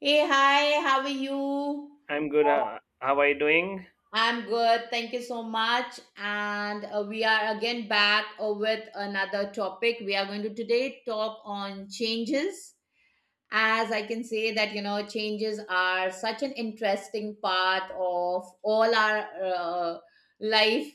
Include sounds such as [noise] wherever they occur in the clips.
Hey, hi, how are you? I'm good. Uh, How are you doing? I'm good, thank you so much. And We are again back with another topic. We are going to today talk on changes. As I can say that, you know, changes are such an interesting part of all our life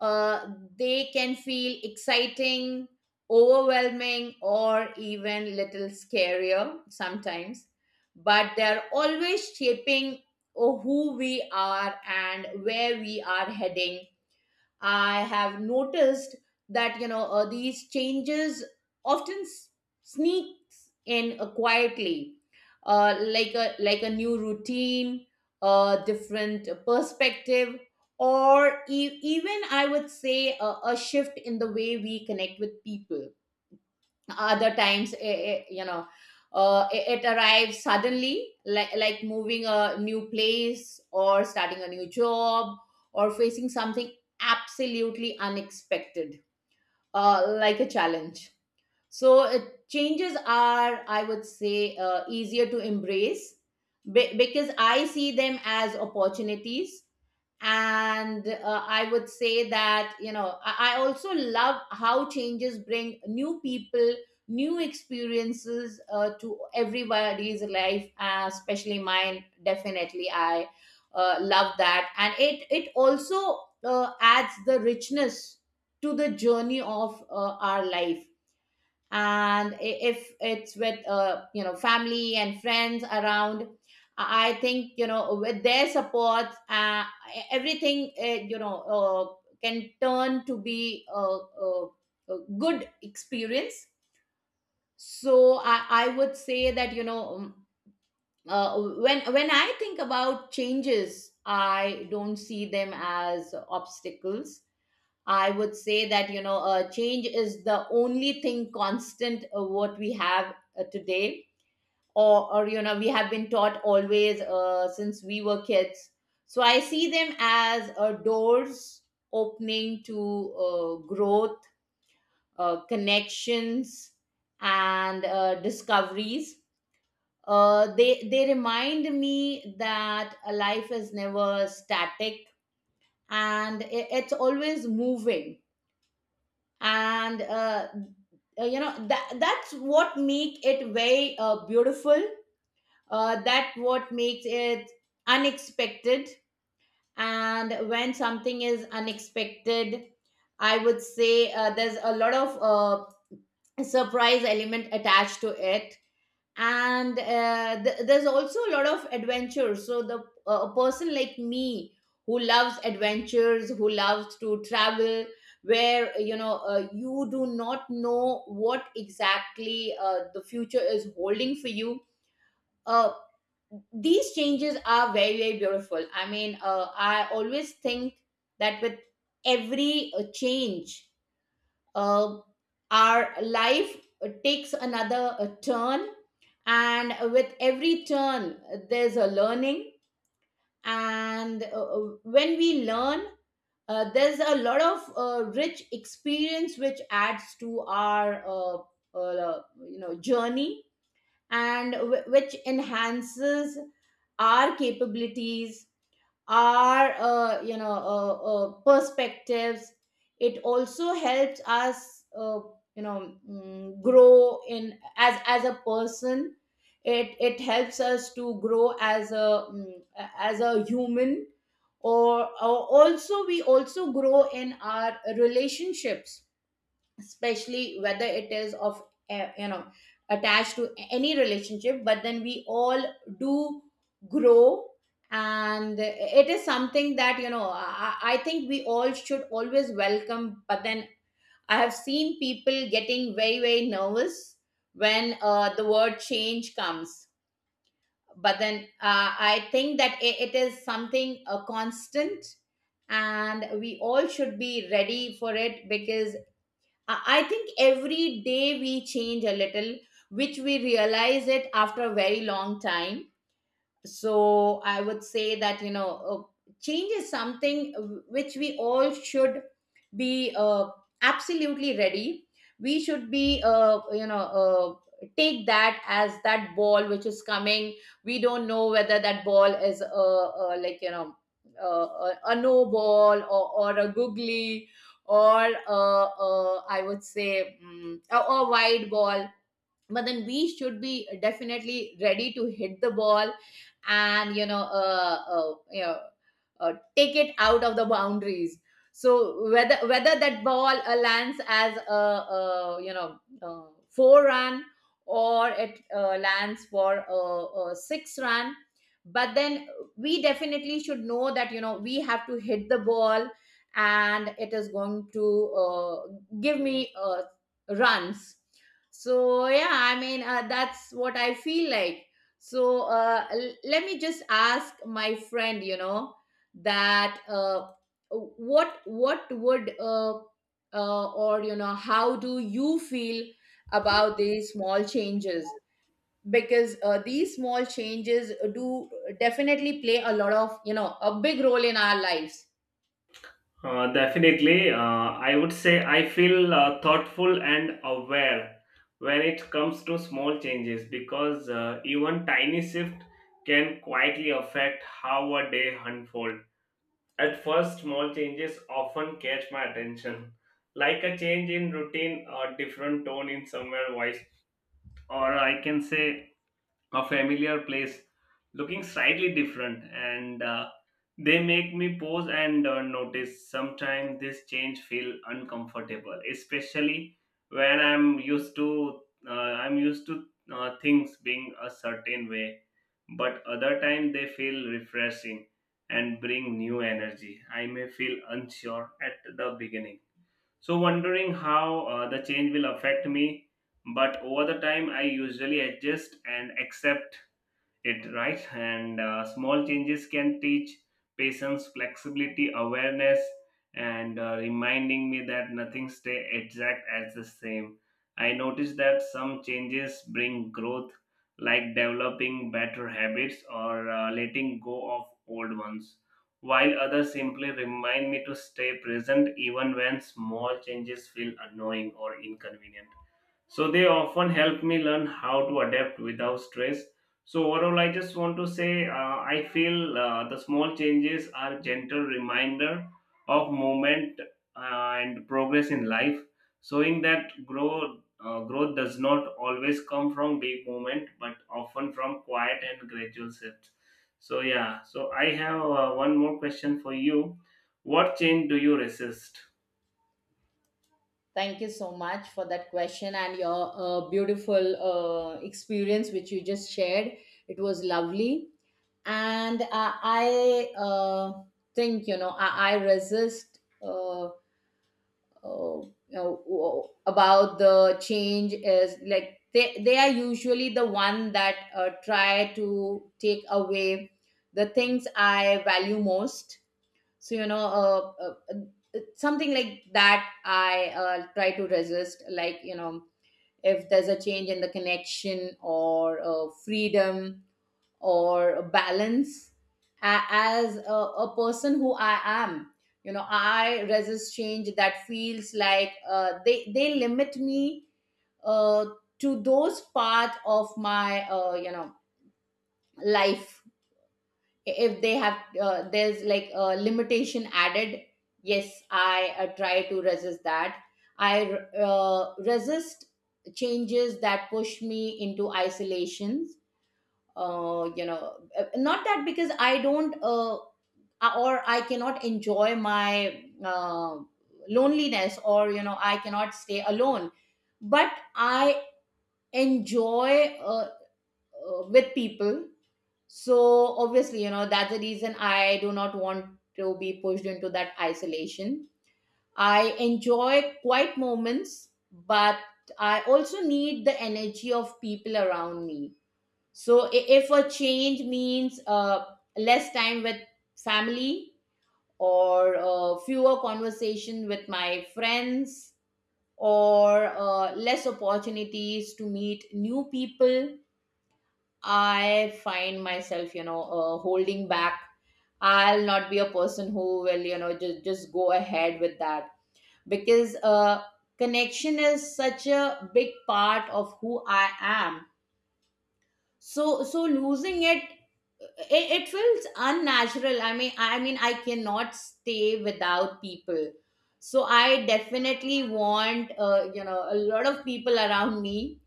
uh, they can feel exciting, overwhelming, or even little scarier sometimes. But they're always shaping oh, who we are and where we are heading. I have noticed that you know these changes often sneaks in quietly, like a new routine, a different perspective, or even I would say a shift in the way we connect with people. Other times it, it, you know it, it arrives suddenly like moving a new place or starting a new job or facing something absolutely unexpected, like a challenge. So changes are, I would say, easier to embrace because I see them as opportunities. And I would say that, you know, I also love how changes bring new people, new experiences to everybody's life, especially mine. Definitely, I love that. And it also adds the richness to the journey of our life, and if it's with you know family and friends around, I think you know with their support everything can turn to be a good experience. So I would say that you know uh, when I think about changes I don't see them as obstacles. I would say that, you know, change is the only thing constant what we have today. Or you know, we have been taught always since we were kids. So I see them as doors opening to growth, connections, and discoveries. They remind me that a life is never static and it's always moving, and you know that's what make it very beautiful, that what makes it unexpected. And when something is unexpected I would say there's a lot of surprise element attached to it, and there's also a lot of adventure. So the a person like me who loves adventures, who loves to travel, where you know you do not know what exactly the future is holding for you, uh, these changes are very very beautiful. I mean I always think that with every change, uh, our life takes another turn, and with every turn there's a learning. And when we learn there's a lot of rich experience which adds to our uh, you know journey, and which enhances our capabilities, our perspectives. It also helps us you know grow in as a person. It helps us to grow as as a human, or also we also grow in our relationships, especially whether it is of you know attached to any relationship. But then we all do grow, and it is something that you know I think we all should always welcome. But then I have seen people getting very very nervous when the word change comes. But then I think that it is something constant, and we all should be ready for it, because I think every day we change a little, which we realize it after a very long time. So I would say that you know change is something which we all should be absolutely ready. We should be take that as that ball which is coming. We don't know whether that ball is like you know a no ball, or a googly, or I would say a wide ball. But then we should be definitely ready to hit the ball and you know take it out of the boundaries. So whether that ball lands as a you know four run, or it lands for a six run. But then we definitely should know that you know we have to hit the ball, and it is going to give me runs. So yeah, I mean that's what I feel like. So let me just ask my friend, you know, that what would or you know how do you feel about these small changes? Because these small changes do definitely play a lot of you know a big role in our lives. Definitely. I would say I feel thoughtful and aware when it comes to small changes because even tiny shift can quietly affect how a day unfold. At first, small changes often catch my attention, like a change in routine or different tone in somewhere voice, or I can say a familiar place looking slightly different and they make me pause and notice. Sometimes this change feel uncomfortable especially when I'm used to things being a certain way, but other time they feel refreshing and bring new energy. I may feel unsure at the beginning, so wondering how the change will affect me, but over the time I usually adjust and accept it, right? And small changes can teach patience, flexibility, awareness, and reminding me that nothing stay exact as the same. I noticed that some changes bring growth, like developing better habits or letting go of old ones, while others simply remind me to stay present even when small changes feel annoying or inconvenient, so they often help me learn how to adapt without stress. So overall, I just want to say I feel the small changes are gentle reminder of movement and progress in life, showing that growth does not always come from big movement, but often from quiet and gradual shifts. So yeah, so I have one more question for you. What change do you resist? Thank you so much for that question and your beautiful experience which you just shared. It was lovely. And I think, you know, I resist you know, about the change is like they are usually the one that try to take away the things I value most. So you know something like that I try to resist, like you know if there's a change in the connection or freedom or balance. A as a person who I am, you know I resist change that feels like they limit me uh, to those part of my you know life. If they have there's like a limitation added, yes I try to resist that. I resist changes that push me into isolations, you know not that because I don't or I cannot enjoy my loneliness, or you know I cannot stay alone. But I enjoy with people. So obviously, you know, that's the reason I do not want to be pushed into that isolation. I enjoy quiet moments, but I also need the energy of people around me. So if a change means less time with family, or fewer conversation with my friends, or less opportunities to meet new people, I find myself, you know, holding back. I'll not be a person who will, you know, just go ahead with that, because connection is such a big part of who I am. So losing it, it feels unnatural. I mean, I mean, I cannot stay without people. So I definitely want, you know, a lot of people around me.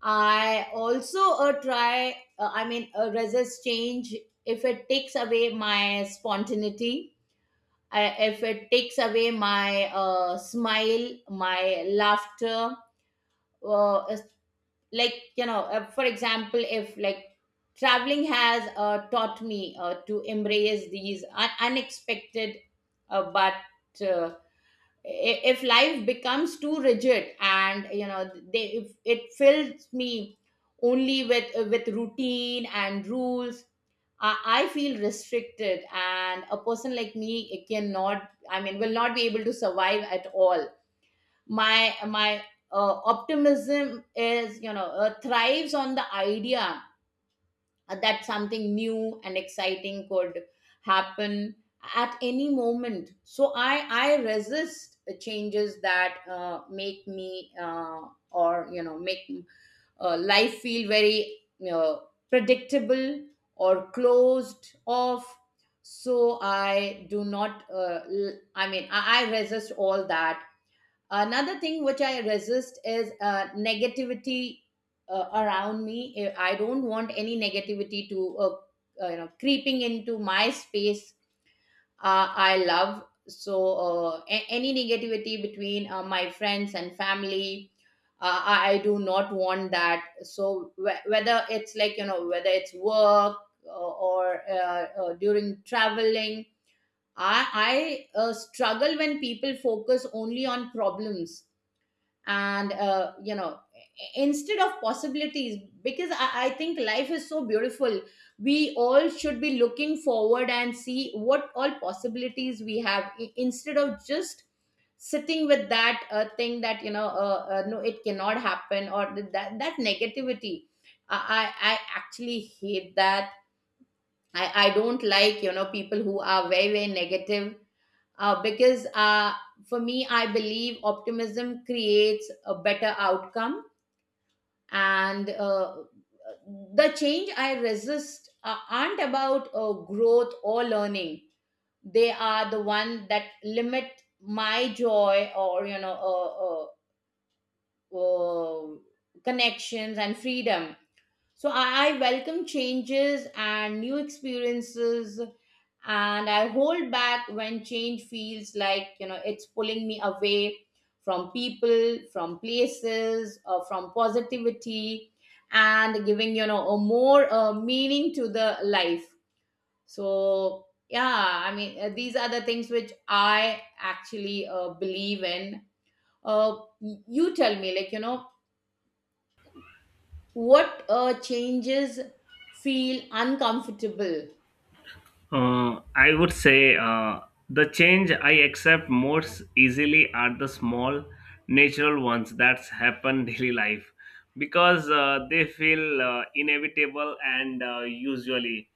I also try, I mean, resist change if it takes away my spontaneity, if it takes away my smile, my laughter. Uh, is- like, you know, for example, if like traveling has taught me to embrace these unexpected, uh, but uh, if life becomes too rigid and you know they if it fills me only with routine and rules, I feel restricted, and a person like me cannot, I mean, will not be able to survive at all. My optimism is you know thrives on the idea that something new and exciting could happen at any moment. So i resist changes that make me or you know make life feel very you know, predictable or closed off. So I do not I mean I resist all that. Another thing which I resist is negativity around me. I don't want any negativity to you know creeping into my space. I love so any negativity between my friends and family. I do not want that. So whether it's like you know whether it's work or during traveling, I I struggle when people focus only on problems and you know instead of possibilities, because I think life is so beautiful. We all should be looking forward and see what all possibilities we have, instead of just sitting with that thing that you know no it cannot happen, or that negativity. I actually hate that. I don't like you know people who are very very negative, because for me I believe optimism creates a better outcome. And the change I resist aren't about growth or learning. They are the one that limit my joy or you know uh, uh, connections and freedom. So I welcome changes and new experiences, and I hold back when change feels like you know it's pulling me away from people, from places, or from positivity, and giving you know a more meaning to the life. So yeah, I mean these are the things which I actually believe in. You tell me, like you know, what changes feel uncomfortable? I would say the change I accept most easily are the small natural ones that happen [laughs] daily life because they feel inevitable and usually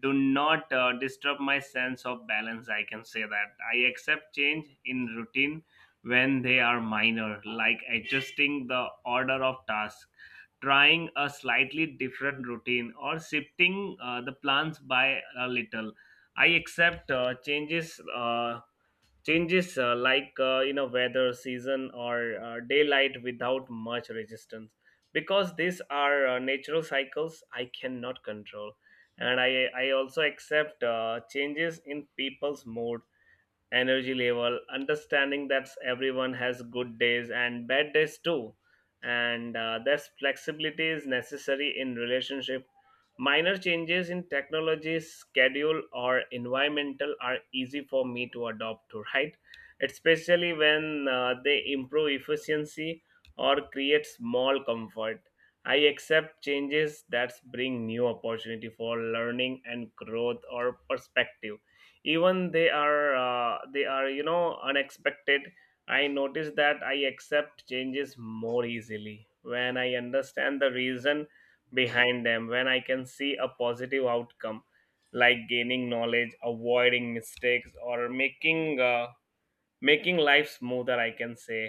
do not disturb my sense of balance. I can say that I accept change in routine when they are minor, like adjusting the order of tasks, trying a slightly different routine, or shifting the plans by a little. I accept changes like you know, weather, season, or daylight without much resistance, because these are natural cycles I cannot control. And I also accept changes in people's mood, energy level, understanding that everyone has good days and bad days too, and this flexibility is necessary in relationship. Minor changes in technology, schedule, or environmental are easy for me to adopt to, right? Especially when they improve efficiency or create small comfort. I accept changes that bring new opportunity for learning and growth or perspective, even they are you know, unexpected. I notice that I accept changes more easily when I understand the reason behind them, when I can see a positive outcome, like gaining knowledge, avoiding mistakes, or making life smoother, I can say.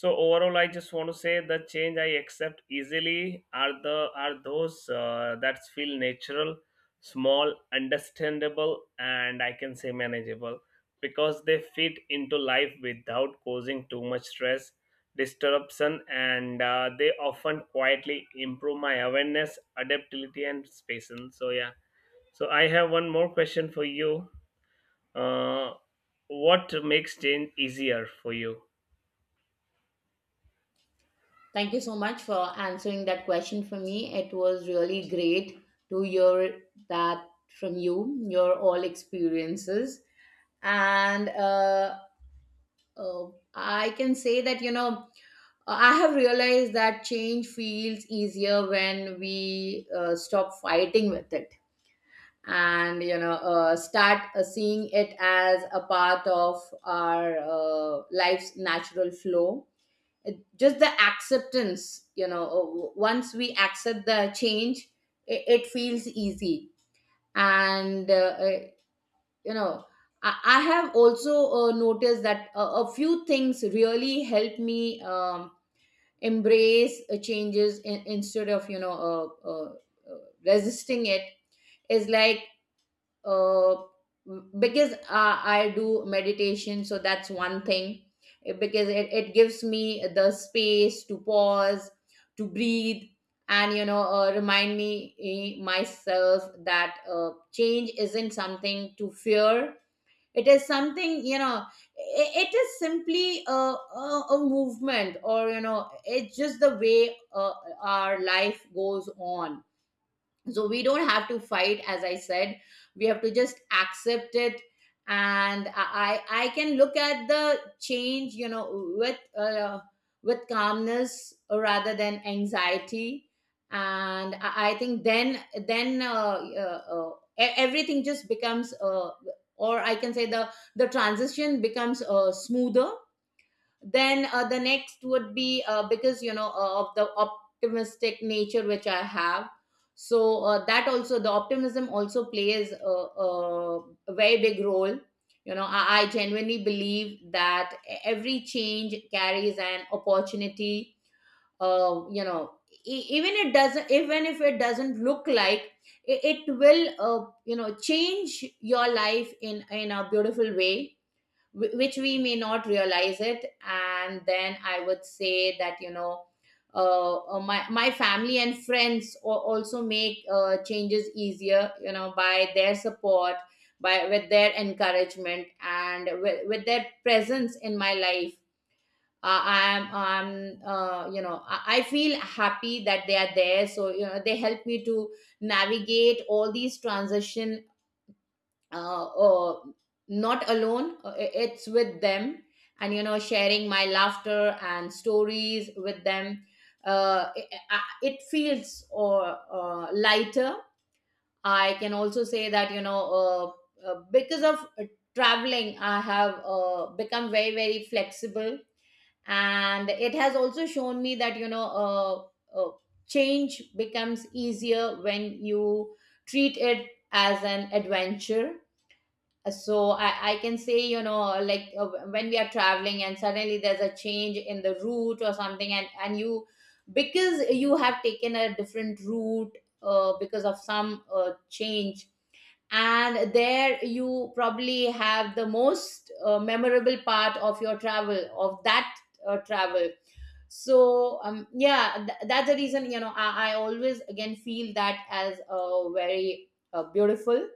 So overall, I just want to say the change I accept easily are the are those that feel natural, small, understandable, and I can say manageable, because they fit into life without causing too much stress, disruption, and they often quietly improve my awareness, adaptability, and patience. So yeah, so I have one more question for you. uh, what makes change easier for you? Thank you so much for answering that question for me. It was really great to hear that from you, your all experiences. And uh, I can say that, you know, I have realized that change feels easier when we stop fighting with it, and you know start seeing it as a part of our life's natural flow. Just the acceptance, you know once we accept the change, it feels easy. And uh, uh, you know I, I have also noticed that a few things really help me, embrace changes, instead of, you know uh, resisting it. Is like, uh, because I do meditation, so that's one thing. Because it gives me the space to pause, to breathe, and you know, remind myself that change isn't something to fear. It is something, you know. It is simply a movement, or you know, it's just the way our life goes on. So we don't have to fight. As I said, we have to just accept it, and I can look at the change, you know, with uh, with calmness rather than anxiety. And I think then, then uh, uh, uh, everything just becomes or I can say the transition becomes smoother. Then the next would be, because you know, of the optimistic nature which I have. So that also, the optimism also plays a very big role. You know, I genuinely believe that every change carries an opportunity. You know, even if it doesn't look like, it will you know, change your life in a beautiful way, which we may not realize it. And then I would say that, you know, my family and friends also make changes easier, you know, by their support, by with their encouragement, and with their presence in my life. I'm you know, I feel happy that they are there, so you know, they help me to navigate all these transition, uh, uh, not alone, it's with them, and you know, sharing my laughter and stories with them. Uh, it, it feels or lighter. I can also say that, you know because of traveling, I have become very very flexible. And it has also shown me that, you know, change becomes easier when you treat it as an adventure. So I can say, you know, like when we are traveling and suddenly there's a change in the route or something, and you, because you have taken a different route, because of some change, and there you probably have the most memorable part of your travel, of that travel. So yeah, that's the reason, you know, I always again feel that as very beautiful.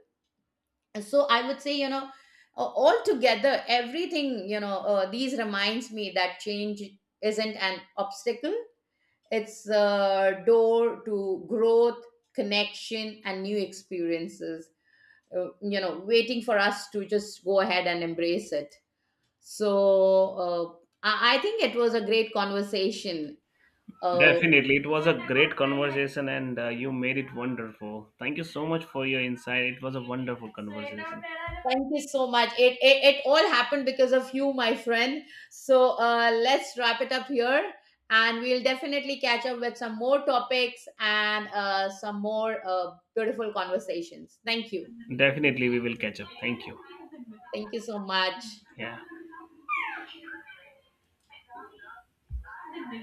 So I would say, you know, altogether, everything, you know these reminds me that change isn't an obstacle. It's a door to growth, connection, and new experiences, you know, waiting for us to just go ahead and embrace it. So I think it was a great conversation. uh, Definitely. It was a great conversation and you made it wonderful. Thank you so much for your insight. It was a wonderful conversation. Thank you so much. It all happened because of you, my friend. So let's wrap it up here, and we'll definitely catch up with some more topics and some more beautiful conversations. Thank you. Definitely, we will catch up. Thank you. Thank you so much. Yeah.